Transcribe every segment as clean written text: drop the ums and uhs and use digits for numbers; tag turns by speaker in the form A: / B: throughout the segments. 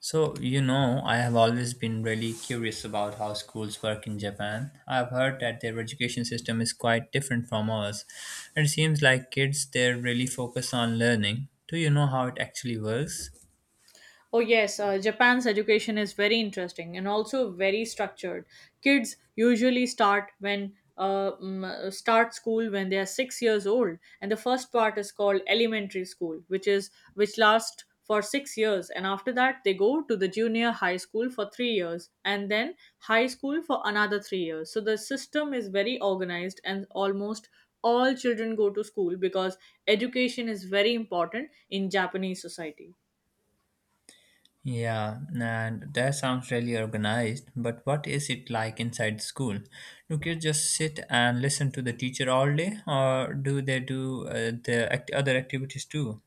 A: So, you know, I have always been really curious about how schools work in Japan. I've heard that their education system is quite different from ours. It seems like kids there really focus on learning. Do you know how it actually works?
B: Oh, yes, Japan's education is very interesting and also very structured. Kids usually start when start school when they are 6 years old, and the first part is called elementary school, which lasts for 6 years, and after that they go to the junior high school for 3 years, and then high school for another 3 years. So the system is very organized, and almost all children go to school because education is very important in Japanese society.
A: Yeah, and that sounds really organized, but what is it like inside school? Do kids just sit and listen to the teacher all day, or do they do other activities too?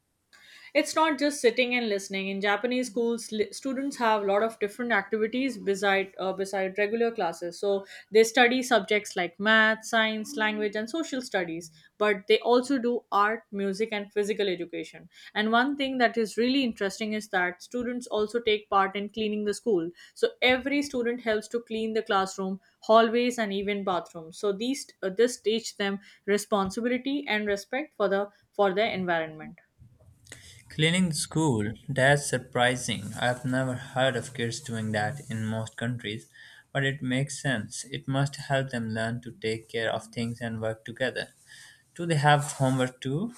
B: It's not just sitting and listening. In Japanese schools, students have a lot of different activities beside regular classes. So they study subjects like math, science, language, and social studies. But they also do art, music, and physical education. And one thing that is really interesting is that students also take part in cleaning the school. So every student helps to clean the classroom, hallways, and even bathrooms. So these this teach them responsibility and respect for the for their environment.
A: Cleaning the school? That's surprising. I've never heard of kids doing that in most countries, but it makes sense. It must help them learn to take care of things and work together. Do they have homework too?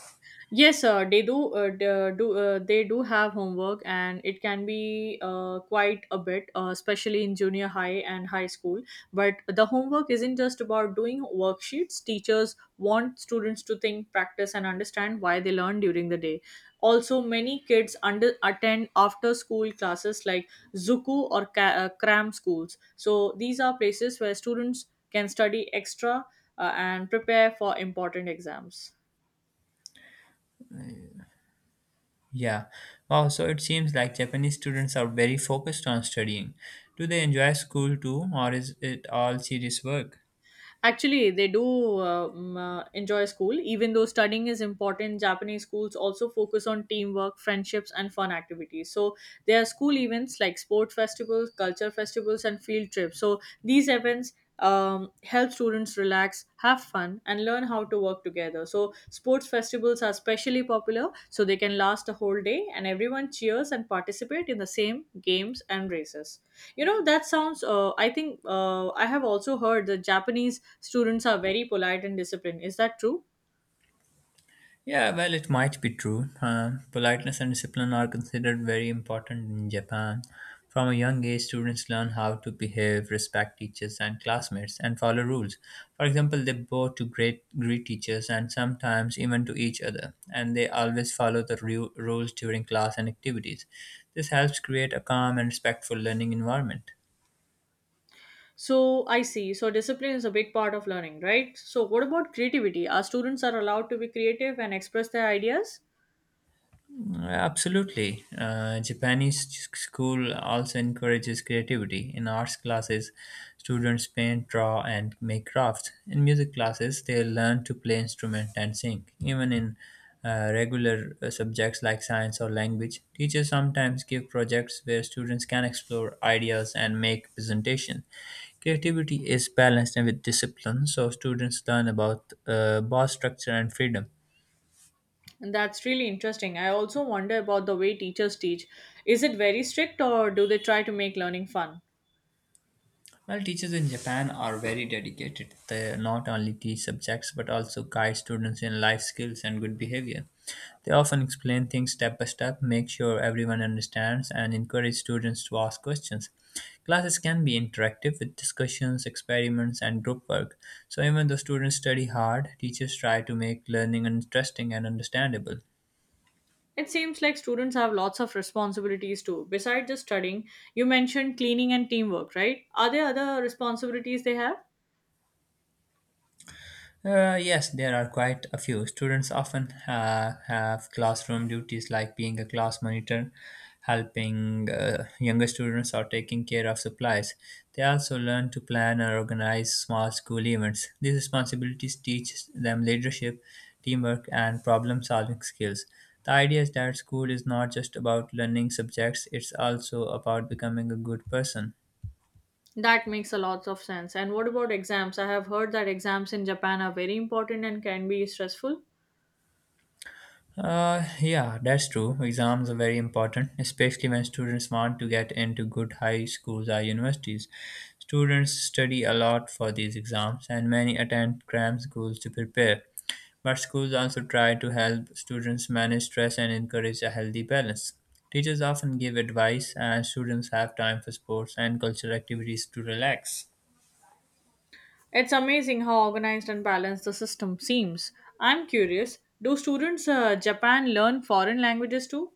B: Yes, sir. They do. They do have homework, and it can be quite a bit, especially in junior high and high school. But the homework isn't just about doing worksheets. Teachers want students to think, practice, and understand why they learn during the day. Also, many kids under attend after school classes like cram schools. So these are places where students can study extra and prepare for important exams.
A: Yeah. Wow, so it seems like Japanese students are very focused on studying. Do they enjoy school too, or is it all serious work?
B: Actually, they do enjoy school. Even though studying is important, Japanese schools also focus on teamwork, friendships, and fun activities. So, there are school events like sport festivals, culture festivals, and field trips. So, these events help students relax, have fun, and learn how to work together. So, sports festivals are especially popular, so they can last a whole day, and everyone cheers and participate in the same games and races. You know, that sounds, I have also heard that Japanese students are very polite and disciplined. Is that true?
A: Yeah, well, it might be true. Politeness and discipline are considered very important in Japan. From a young age, students learn how to behave, respect teachers and classmates, and follow rules. For example, they bow to great greet teachers and sometimes even to each other, and they always follow the rules during class and activities. This helps create a calm and respectful learning environment.
B: So I see. So discipline is a big part of learning, right? So what about creativity? Our students are allowed to be creative and express their ideas?
A: Absolutely. Japanese school also encourages creativity. In arts classes, students paint, draw, and make crafts. In music classes, they learn to play instrument and sing. Even in regular subjects like science or language, teachers sometimes give projects where students can explore ideas and make presentation. Creativity is balanced and with discipline, so students learn about both structure and freedom.
B: And that's really interesting. I also wonder about the way teachers teach. Is it very strict or do they try to make learning fun?
A: Well, teachers in Japan are very dedicated. They not only teach subjects but also guide students in life skills and good behavior. They often explain things step by step, make sure everyone understands, and encourage students to ask questions. Classes can be interactive with discussions, experiments, and group work. So, even though students study hard, teachers try to make learning interesting and understandable.
B: It seems like students have lots of responsibilities too. Besides just studying, you mentioned cleaning and teamwork, right? Are there other responsibilities they have?
A: Yes, there are quite a few. Students often have classroom duties like being a class monitor, helping younger students, or taking care of supplies. They also learn to plan and organize small school events. These responsibilities teach them leadership, teamwork, and problem solving skills. The idea is that school is not just about learning subjects, it's also about becoming a good person.
B: That makes a lot of sense. And what about exams? I have heard that exams in Japan are very important and can be stressful.
A: Yeah, that's true. Exams are very important, especially when students want to get into good high schools or universities. Students study a lot for these exams, and many attend cram schools to prepare. But schools also try to help students manage stress and encourage a healthy balance. Teachers often give advice, and students have time for sports and cultural activities to relax.
B: It's amazing how organized and balanced the system seems. I'm curious, do students Japan learn foreign languages too?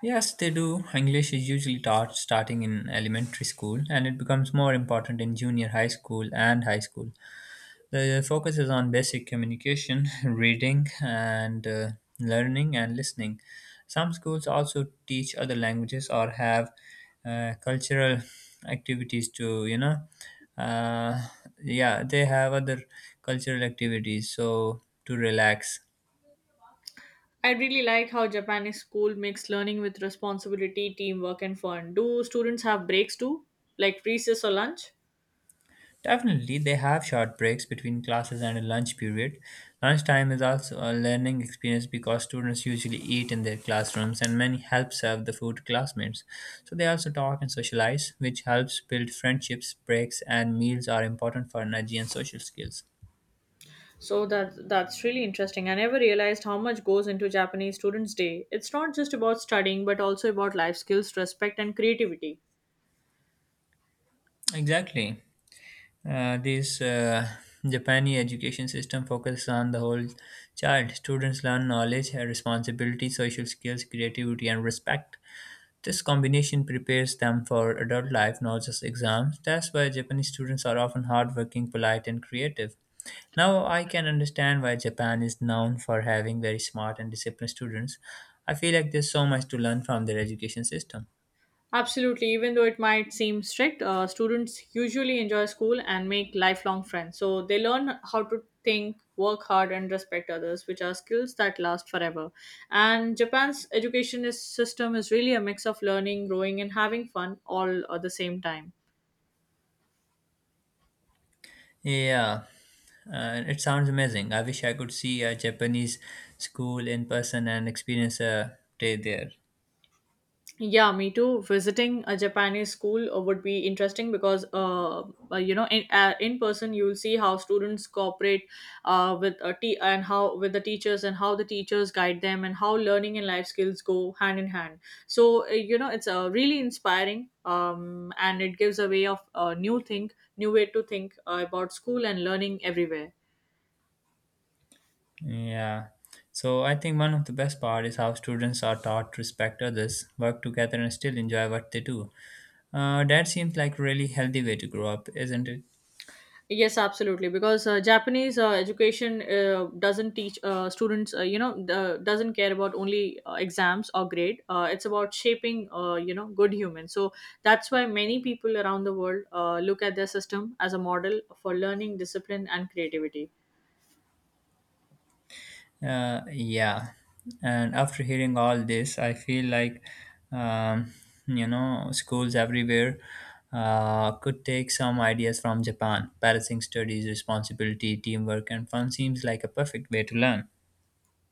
A: Yes, they do. English is usually taught starting in elementary school and it becomes more important in junior high school and high school. The focus is on basic communication, reading, and learning and listening. Some schools also teach other languages or have cultural activities to, uh, yeah, they have other cultural activities so to relax.
B: I really like how Japanese school makes learning with responsibility, teamwork and fun. Do students have breaks too? Like recess or lunch?
A: Definitely, they have short breaks between classes and a lunch period. Lunchtime is also a learning experience because students usually eat in their classrooms and many help serve the food to classmates. So they also talk and socialize, which helps build friendships. Breaks and meals are important for energy and social skills.
B: So that's really interesting. I never realized how much goes into Japanese Students' Day. It's not just about studying but also about life skills, respect and creativity.
A: Exactly. This Japanese education system focuses on the whole child. Students learn knowledge, responsibility, social skills, creativity, and respect. This combination prepares them for adult life, not just exams. That's why Japanese students are often hardworking, polite, and creative. Now I can understand why Japan is known for having very smart and disciplined students. I feel like there's so much to learn from their education system.
B: Absolutely, even though it might seem strict, students usually enjoy school and make lifelong friends. So they learn how to think, work hard and respect others, which are skills that last forever. And Japan's system is really a mix of learning, growing and having fun all at the same time.
A: Yeah, it sounds amazing. I wish I could see a Japanese school in person and experience a day there.
B: Yeah, me too. Visiting a Japanese school would be interesting because in person you'll see how students cooperate with the teachers and how the teachers guide them and how learning and life skills go hand in hand. So it's really inspiring. And it gives a way of new way to think about school and learning everywhere.
A: Yeah. So I think one of the best part is how students are taught to respect others, work together, and still enjoy what they do. That seems like a really healthy way to grow up, isn't it?
B: Yes, absolutely. Because Japanese education doesn't teach students, doesn't care about only exams or grade. It's about shaping, good humans. So that's why many people around the world look at their system as a model for learning, discipline, and creativity.
A: Yeah. And after hearing all this, I feel like, um, you know, schools everywhere could take some ideas from Japan. Balancing studies, responsibility, teamwork, and fun seems like a perfect way to learn.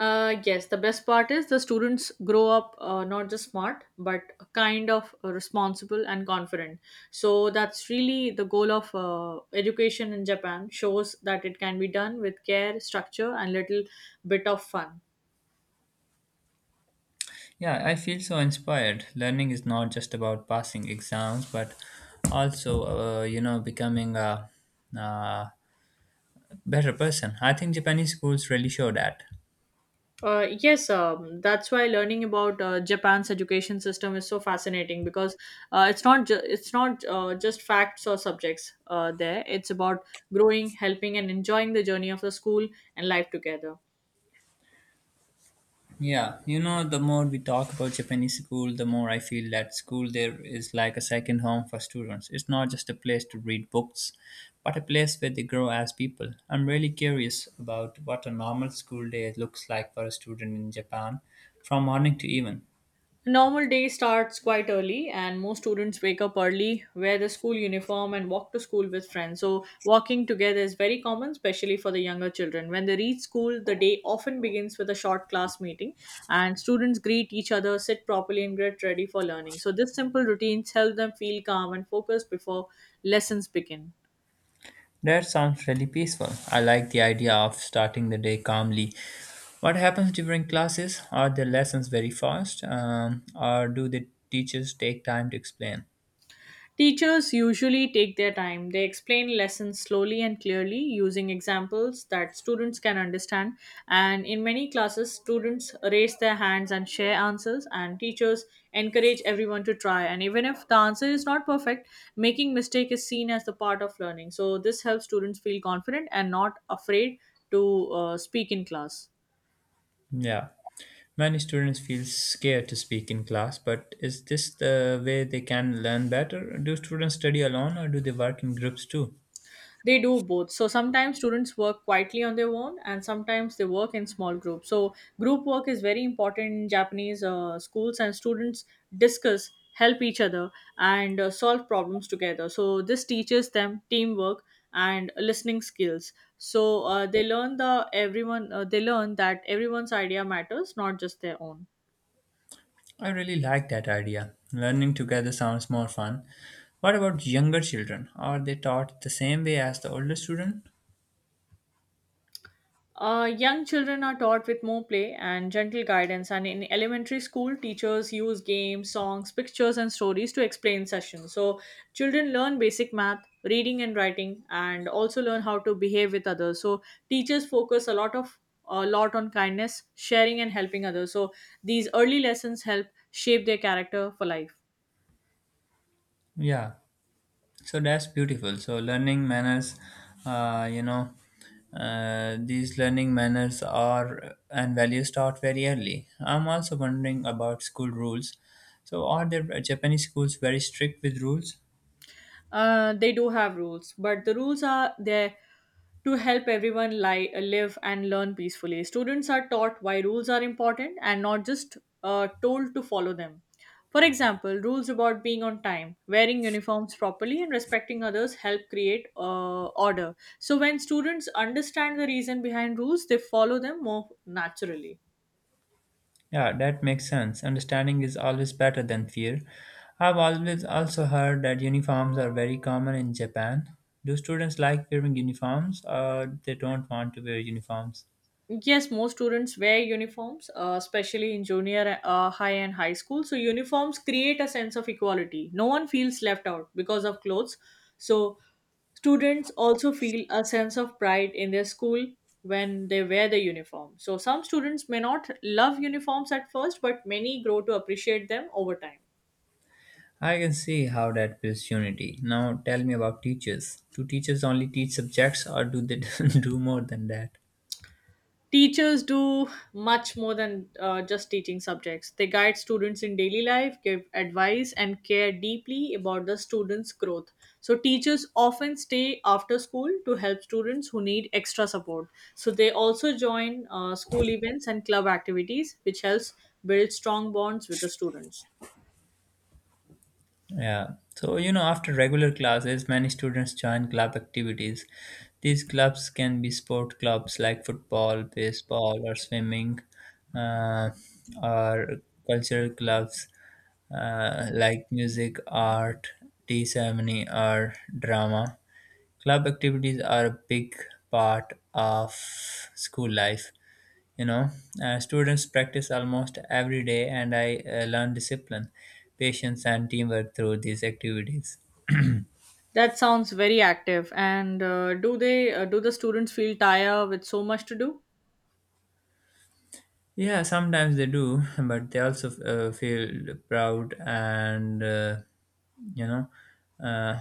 B: Yes, the best part is the students grow up not just smart but kind of responsible and confident. So that's really the goal of education in Japan. Shows that it can be done with care, structure, and little bit of fun.
A: Yeah, I feel so inspired. Learning is not just about passing exams, but also, you know, becoming a better person. I think Japanese schools really show that.
B: Yes, that's why learning about Japan's education system is so fascinating because it's not just facts or subjects there. It's about growing, helping, and enjoying the journey of the school and life together.
A: Yeah, you know, the more we talk about Japanese school, the more I feel that school there is like a second home for students. It's not just a place to read books, but a place where they grow as people. I'm really curious about what a normal school day looks like for a student in Japan from morning to evening.
B: A normal day starts quite early, and most students wake up early, wear the school uniform, and walk to school with friends. So walking together is very common, especially for the younger children. When they reach school, the day often begins with a short class meeting, and students greet each other, sit properly, and get ready for learning. So this simple routines help them feel calm and focused before lessons begin.
A: That sounds really peaceful. I like the idea of starting the day calmly. What happens during classes? Are the lessons very fast, or do the teachers take time to explain?
B: Teachers usually take their time. They explain lessons slowly and clearly using examples that students can understand. And in many classes, students raise their hands and share answers, and teachers encourage everyone to try. And even if the answer is not perfect, making mistake is seen as the part of learning. So this helps students feel confident and not afraid to speak in class.
A: Yeah. Many students feel scared to speak in class, but is this the way they can learn better? Do students study alone or do they work in groups too?
B: They do both. So sometimes students work quietly on their own, and sometimes they work in small groups. So group work is very important in Japanese schools, and students discuss, help each other, and solve problems together. So this teaches them teamwork and listening skills. So they learn that everyone's idea matters, not just their own.
A: I really like that idea. Learning together sounds more fun. What about younger children? Are they taught the same way as the older student?
B: Young children are taught with more play and gentle guidance, and in elementary school, teachers use games, songs, pictures, and stories to explain sessions. So, children learn basic math, reading, and writing, and also learn how to behave with others. So, teachers focus a lot on kindness, sharing, and helping others. So, these early lessons help shape their character for life.
A: Yeah. So that's beautiful. So learning manners, uh, you know these learning manners are and values taught very early. I'm also wondering about school rules. So are the Japanese schools very strict with rules?
B: They do have rules, but the rules are there to help everyone live and learn peacefully. Students are taught why rules are important and not just told to follow them. For example, rules about being on time, wearing uniforms properly, and respecting others help create order. So, when students understand the reason behind rules, they follow them more naturally.
A: Yeah, that makes sense. Understanding is always better than fear. I've always also heard that uniforms are very common in Japan. Do students like wearing uniforms or they don't want to wear uniforms?
B: Yes, most students wear uniforms, especially in junior high and high school. So, uniforms create a sense of equality. No one feels left out because of clothes. So, students also feel a sense of pride in their school when they wear the uniform. So, some students may not love uniforms at first, but many grow to appreciate them over time.
A: I can see how that builds unity. Now tell me about teachers. Do teachers only teach subjects or do they do more than that?
B: Teachers do much more than just teaching subjects. They guide students in daily life, give advice, and care deeply about the students' growth. So, teachers often stay after school to help students who need extra support. So, they also join school events and club activities, which helps build strong bonds with the students.
A: Yeah. So, you know, after regular classes, many students join club activities. These clubs can be sport clubs like football, baseball, or swimming, uh, or cultural clubs like music, art, tea ceremony, or drama. Club activities are a big part of school life. You know, students practice almost every day, and I learn discipline, patience, and teamwork through these activities.
B: That sounds very active. And do the students feel tired with so much to do?
A: Yeah, sometimes they do, but they also feel proud and you know uh,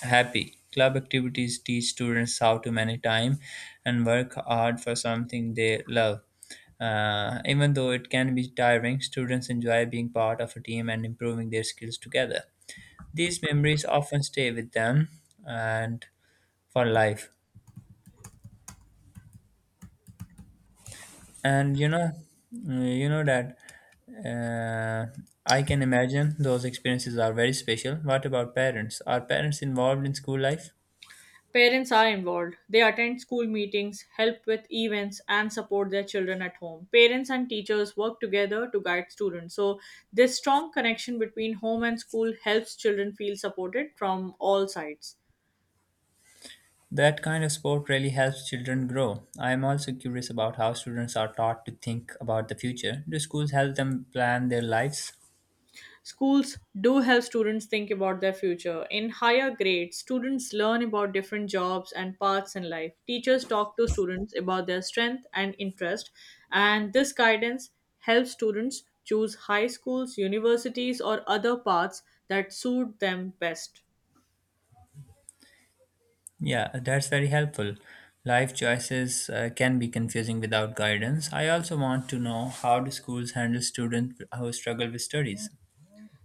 A: happy. Club activities teach students how to manage time and work hard for something they love. Even though it can be tiring, students enjoy being part of a team and improving their skills together. These memories often stay with them and for life. And you know that uh, I can imagine those experiences are very special. What about parents? Are parents involved in school life?
B: Parents are involved. They attend school meetings, help with events, and support their children at home. Parents and teachers work together to guide students. So, this strong connection between home and school helps children feel supported from all sides.
A: That kind of sport really helps children grow. I am also curious about how students are taught to think about the future. Do schools help them plan their lives?
B: Schools do help students think about their future. In higher grades, students learn about different jobs and paths in life. Teachers talk to students about their strength and interest, and this guidance helps students choose high schools, universities, or other paths that suit them best.
A: Yeah, that's very helpful. Life choices can be confusing without guidance. I also want to know how do schools handle students who struggle with studies.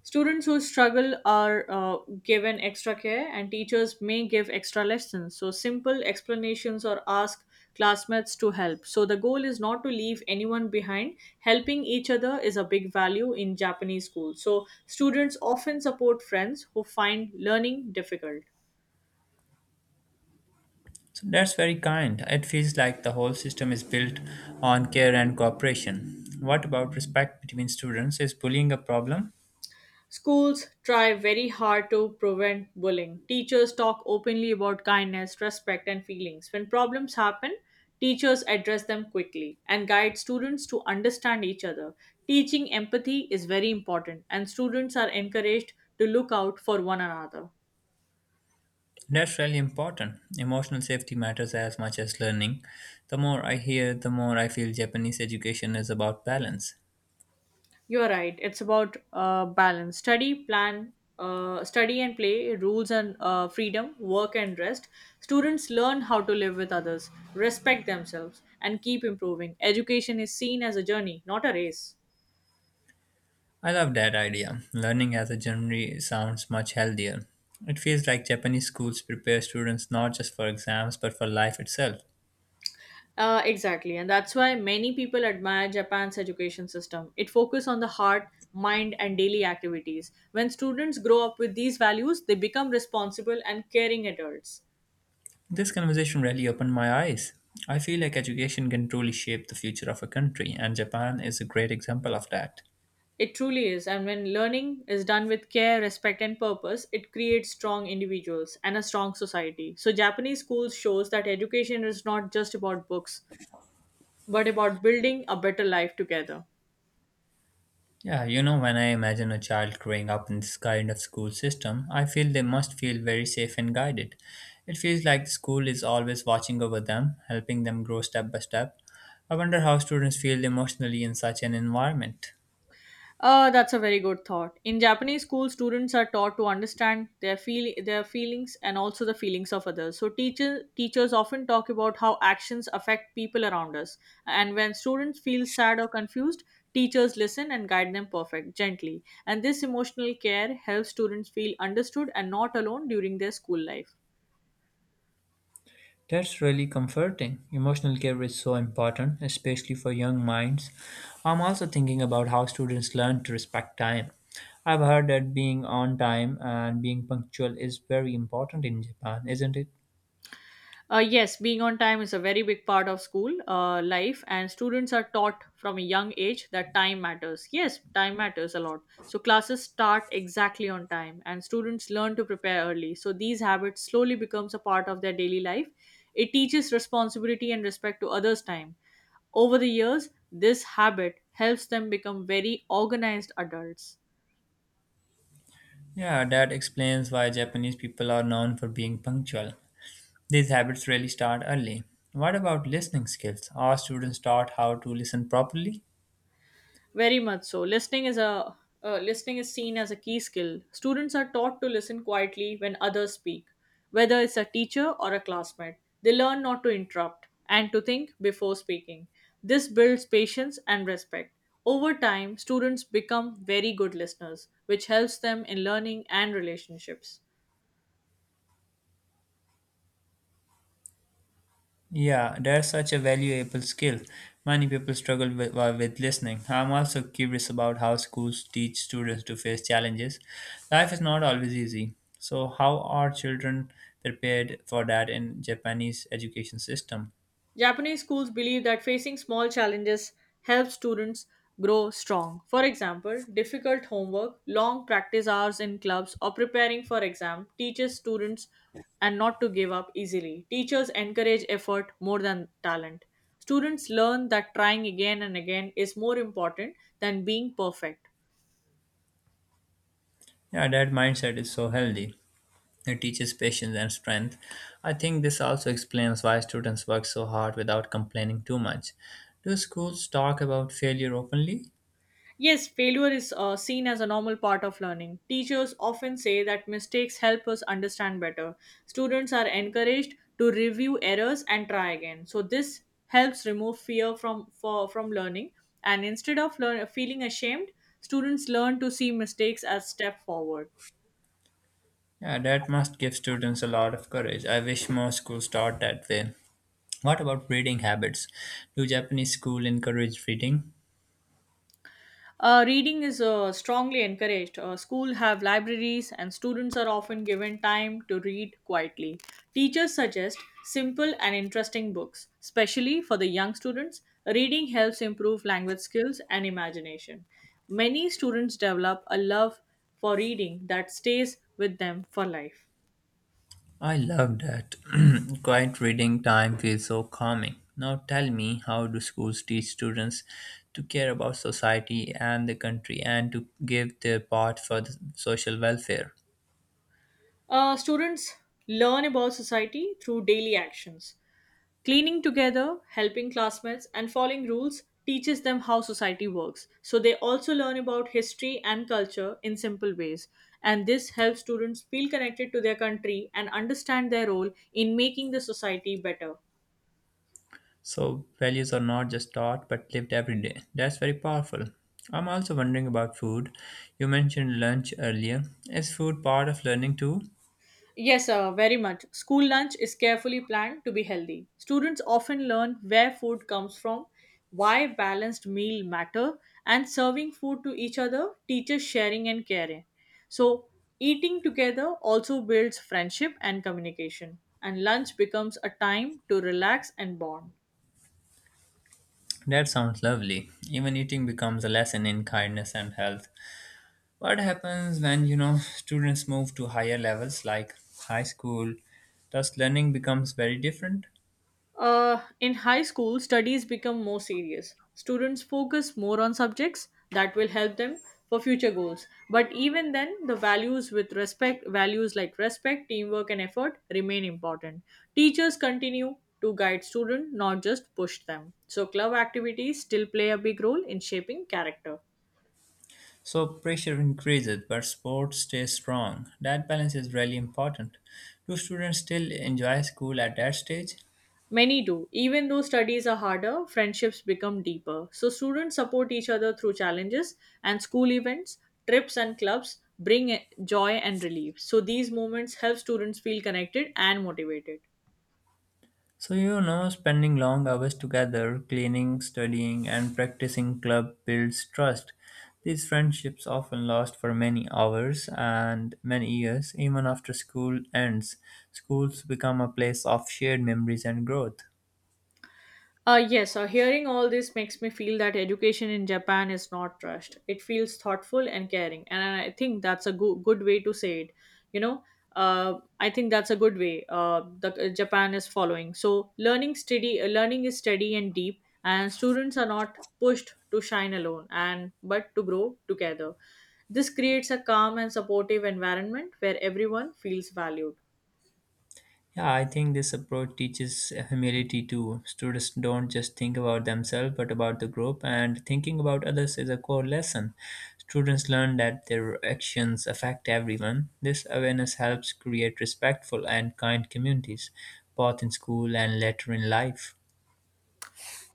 B: Students who struggle are given extra care, and teachers may give extra lessons. So, simple explanations or ask classmates to help. So, the goal is not to leave anyone behind. Helping each other is a big value in Japanese schools. So, students often support friends who find learning difficult.
A: So that's very kind. It feels like the whole system is built on care and cooperation. What about respect between students? Is bullying a problem?
B: Schools try very hard to prevent bullying. Teachers talk openly about kindness, respect, and feelings. When problems happen, teachers address them quickly and guide students to understand each other. Teaching empathy is very important, and students are encouraged to look out for one another.
A: That's really important. Emotional safety matters as much as learning. The more I hear, the more I feel Japanese education is about balance.
B: You're right. It's about balance. Study and play, rules and freedom, work and rest. Students learn how to live with others, respect themselves, and keep improving. Education is seen as a journey, not a race.
A: I love that idea. Learning as a genre sounds much healthier. It feels like Japanese schools prepare students not just for exams but for life itself.
B: Exactly, and that's why many people admire Japan's education system. It focuses on the heart, mind, and daily activities. When students grow up with these values, they become responsible and caring adults.
A: This conversation really opened my eyes. I feel like education can truly shape the future of a country, and Japan is a great example of that.
B: It truly is, and when learning is done with care, respect, and purpose, it creates strong individuals and a strong society. So, Japanese schools shows that education is not just about books, but about building a better life together.
A: Yeah, you know, when I imagine a child growing up in this kind of school system, I feel they must feel very safe and guided. It feels like the school is always watching over them, helping them grow step by step. I wonder how students feel emotionally in such an environment.
B: That's a very good thought. In Japanese school, students are taught to understand their feel their feelings and also the feelings of others. So teachers often talk about how actions affect people around us. And when students feel sad or confused, teachers listen and guide them perfect gently. And this emotional care helps students feel understood and not alone during their school life.
A: That's really comforting. Emotional care is so important, especially for young minds. I'm also thinking about how students learn to respect time. I've heard that being on time and being punctual is very important in Japan, isn't it?
B: Yes, being on time is a very big part of school life, and students are taught from a young age that time matters. Yes, time matters a lot. So, classes start exactly on time, and students learn to prepare early. So, these habits slowly becomes a part of their daily life. It teaches responsibility and respect to others' time. Over the years, this habit helps them become very organized adults.
A: Yeah, that explains why Japanese people are known for being punctual. These habits really start early. What about listening skills? Are students taught how to listen properly?
B: Very much so. Listening is seen as a key skill. Students are taught to listen quietly when others speak, whether it's a teacher or a classmate. They learn not to interrupt and to think before speaking. This builds patience and respect. Over time, students become very good listeners, which helps them in learning and relationships.
A: Yeah, that's such a valuable skill. Many people struggle with, listening. I'm also curious about how schools teach students to face challenges. Life is not always easy. So, how are children prepared for that in Japanese education system?
B: Japanese schools believe that facing small challenges helps students grow strong. For example, difficult homework, long practice hours in clubs, or preparing for exam teaches students and not to give up easily. Teachers encourage effort more than talent. Students learn that trying again and again is more important than being perfect.
A: Yeah, that mindset is so healthy. It teaches patience and strength. I think this also explains why students work so hard without complaining too much. Do schools talk about failure openly?
B: Yes, failure is seen as a normal part of learning. Teachers often say that mistakes help us understand better. Students are encouraged to review errors and try again. So this helps remove fear from learning. And instead of feeling ashamed, students learn to see mistakes as step forward.
A: Yeah, that must give students a lot of courage. I wish more schools taught that way. What about reading habits? Do Japanese school encourage reading?
B: Reading is strongly encouraged. School have libraries and students are often given time to read quietly. Teachers suggest simple and interesting books, especially for the young students. Reading helps improve language skills and imagination. Many students develop a love for reading that stays with them for life.
A: I love that. Quiet reading time feels so calming. Now tell me, how do schools teach students to care about society and the country and to give their part for the social welfare?
B: Students learn about society through daily actions. Cleaning together, helping classmates, and following rules teaches them how society works. So they also learn about history and culture in simple ways. And this helps students feel connected to their country and understand their role in making the society better.
A: So, values are not just taught but lived every day. That's very powerful. I'm also wondering about food. You mentioned lunch earlier. Is food part of learning too?
B: Yes, very much. School lunch is carefully planned to be healthy. Students often learn where food comes from, why balanced meal matter, and serving food to each other teaches sharing and caring. So, eating together also builds friendship and communication, and lunch becomes a time to relax and bond.
A: That sounds lovely. Even eating becomes a lesson in kindness and health. What happens when you know students move to higher levels like high school? Thus, learning becomes very different.
B: In high school, studies become more serious. Students focus more on subjects that will help them for future goals. But even then, the values with respect, values like respect, teamwork, and effort remain important. Teachers continue to guide students, not just push them. So, club activities still play a big role in shaping character.
A: So pressure increases, but sport stays strong. That balance is really important. Do students still enjoy school at that stage?
B: Many do. Even though studies are harder, friendships become deeper. So students support each other through challenges and school events, trips and clubs bring joy and relief. So these moments help students feel connected and motivated.
A: So, you know, spending long hours together, cleaning, studying, and practicing club builds trust. These friendships often last for many hours and many years, even after school ends. Schools become a place of shared memories and growth.
B: Yes, Hearing all this makes me feel that education in Japan is not rushed. It feels thoughtful and caring, and I think that's a good way to say it. You know, uh, I think that's a good way that Japan is following. So learning is steady and deep, and students are not pushed to shine alone, and but to grow together. This creates a calm and supportive environment where everyone feels valued.
A: Yeah, I think this approach teaches humility too. Students don't just think about themselves but about the group, and thinking about others is a core lesson. Students learn that their actions affect everyone. This awareness helps create respectful and kind communities, both in school and later in life.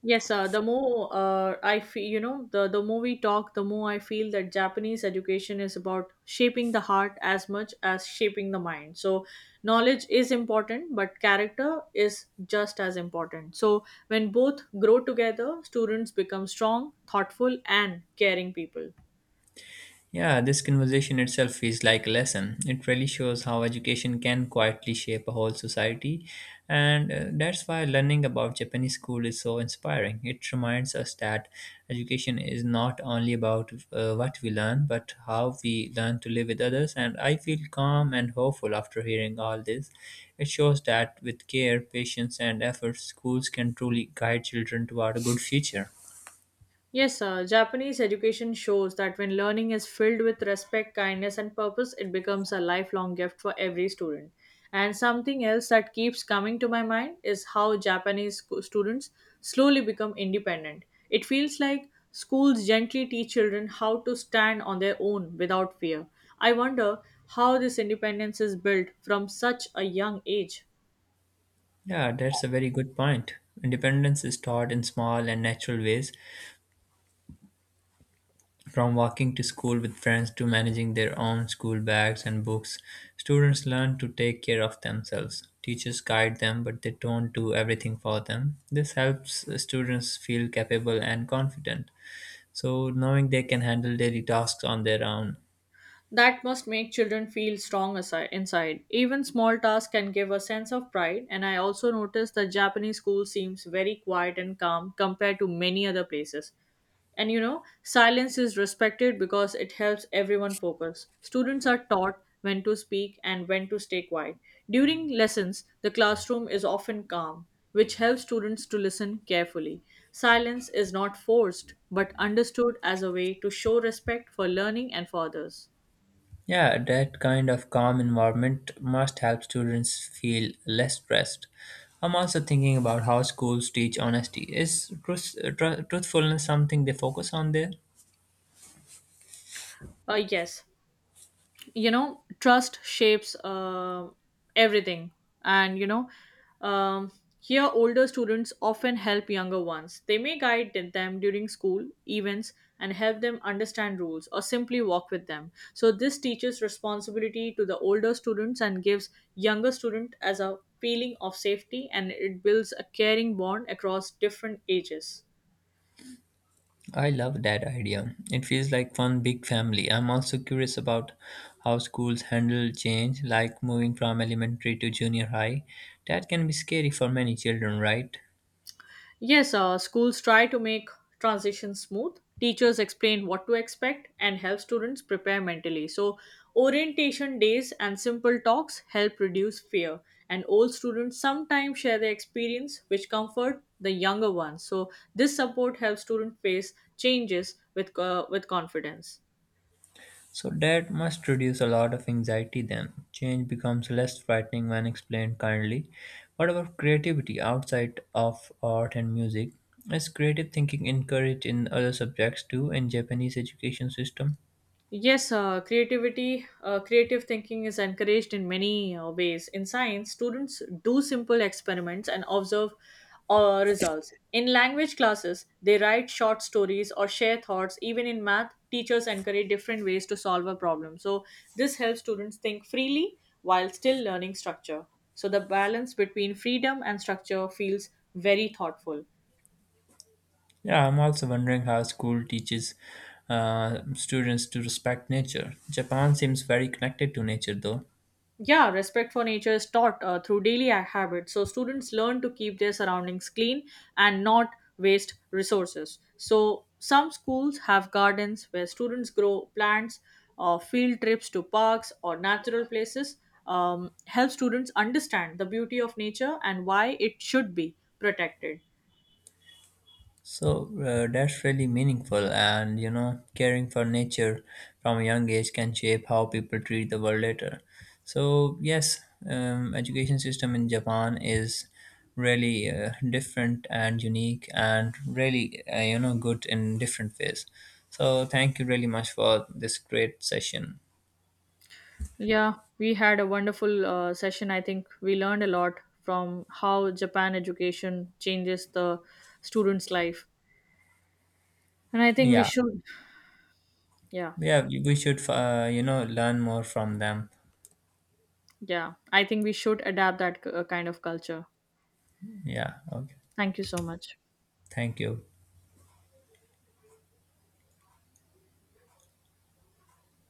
B: Yes, the more I feel, the more we talk, the more I feel that Japanese education is about shaping the heart as much as shaping the mind. So, knowledge is important, but character is just as important. So, when both grow together, students become strong, thoughtful, and caring people.
A: Yeah, this conversation itself feels like a lesson. It really shows how education can quietly shape a whole society, and that's why learning about Japanese school is so inspiring. It reminds us that education is not only about what we learn, but how we learn to live with others. And I feel calm and hopeful after hearing all this. It shows that with care, patience, and effort, schools can truly guide children toward a good future.
B: Yes, sir. Japanese education shows that when learning is filled with respect, kindness, and purpose, it becomes a lifelong gift for every student. And something else that keeps coming to my mind is how Japanese students slowly become independent. It feels like schools gently teach children how to stand on their own without fear. I wonder how this independence is built from such a young age.
A: Yeah, that's a very good point. Independence is taught in small and natural ways, from walking to school with friends to managing their own school bags and books. Students learn to take care of themselves. Teachers guide them, but they don't do everything for them. This helps students feel capable and confident, so knowing they can handle daily tasks on their own.
B: That must make children feel inside. Even small tasks can give a sense of pride, and I also noticed that Japanese school seems very quiet and calm compared to many other places. And you know, silence is respected because it helps everyone focus. Students are taught when to speak and when to stay quiet. During lessons, the classroom is often calm, which helps students to listen carefully. Silence is not forced but understood as a way to show respect for learning and for others.
A: Yeah, that kind of calm environment must help students feel less stressed. I'm also thinking about how schools teach honesty. Is truthfulness something they focus on there?
B: Yes, you know, trust shapes everything, and you know, um, here older students often help younger ones. They may guide them during school events and help them understand rules, or simply walk with them. So this teaches responsibility to the older students and gives younger student as a feeling of safety, and it builds a caring bond across different ages.
A: I love that idea. It feels like one big family. I'm also curious about how schools handle change, like moving from elementary to junior high. That can be scary for many children, right?
B: Yes, schools try to make transitions smooth. Teachers explain what to expect and help students prepare mentally. So, orientation days and simple talks help reduce fear. And old students sometimes share their experience, which comfort the younger ones. So, this support helps students face changes with confidence.
A: So that must reduce a lot of anxiety then. Change becomes less frightening when explained kindly. What about creativity outside of art and music? Is creative thinking encouraged in other subjects too in Japanese education system?
B: Yes, creative thinking is encouraged in many ways. In science, students do simple experiments and observe results. In language classes, they write short stories or share thoughts. Even in math, teachers encourage different ways to solve a problem. So, this helps students think freely while still learning structure. So, the balance between freedom and structure feels very thoughtful.
A: Yeah, I'm also wondering how school teaches students to respect nature. Japan seems very connected to nature though.
B: Yeah, respect for nature is taught through daily habits. So students learn to keep their surroundings clean and not waste resources. So some schools have gardens where students grow plants. Or field trips to parks or natural places help students understand the beauty of nature and why it should be protected.
A: So that's really meaningful, and you know, caring for nature from a young age can shape how people treat the world later. So yes, education system in Japan is really different and unique, and really you know good in different ways. So thank you really much for this great session.
B: Yeah, we had a wonderful session. I think we learned a lot from how Japan education changes the students' life. And I think we
A: Yeah,
B: should. Yeah,
A: yeah, we should you know learn more from them.
B: yeah. I think we should adapt that kind of culture.
A: Yeah, okay.
B: Thank you so much.
A: Thank you.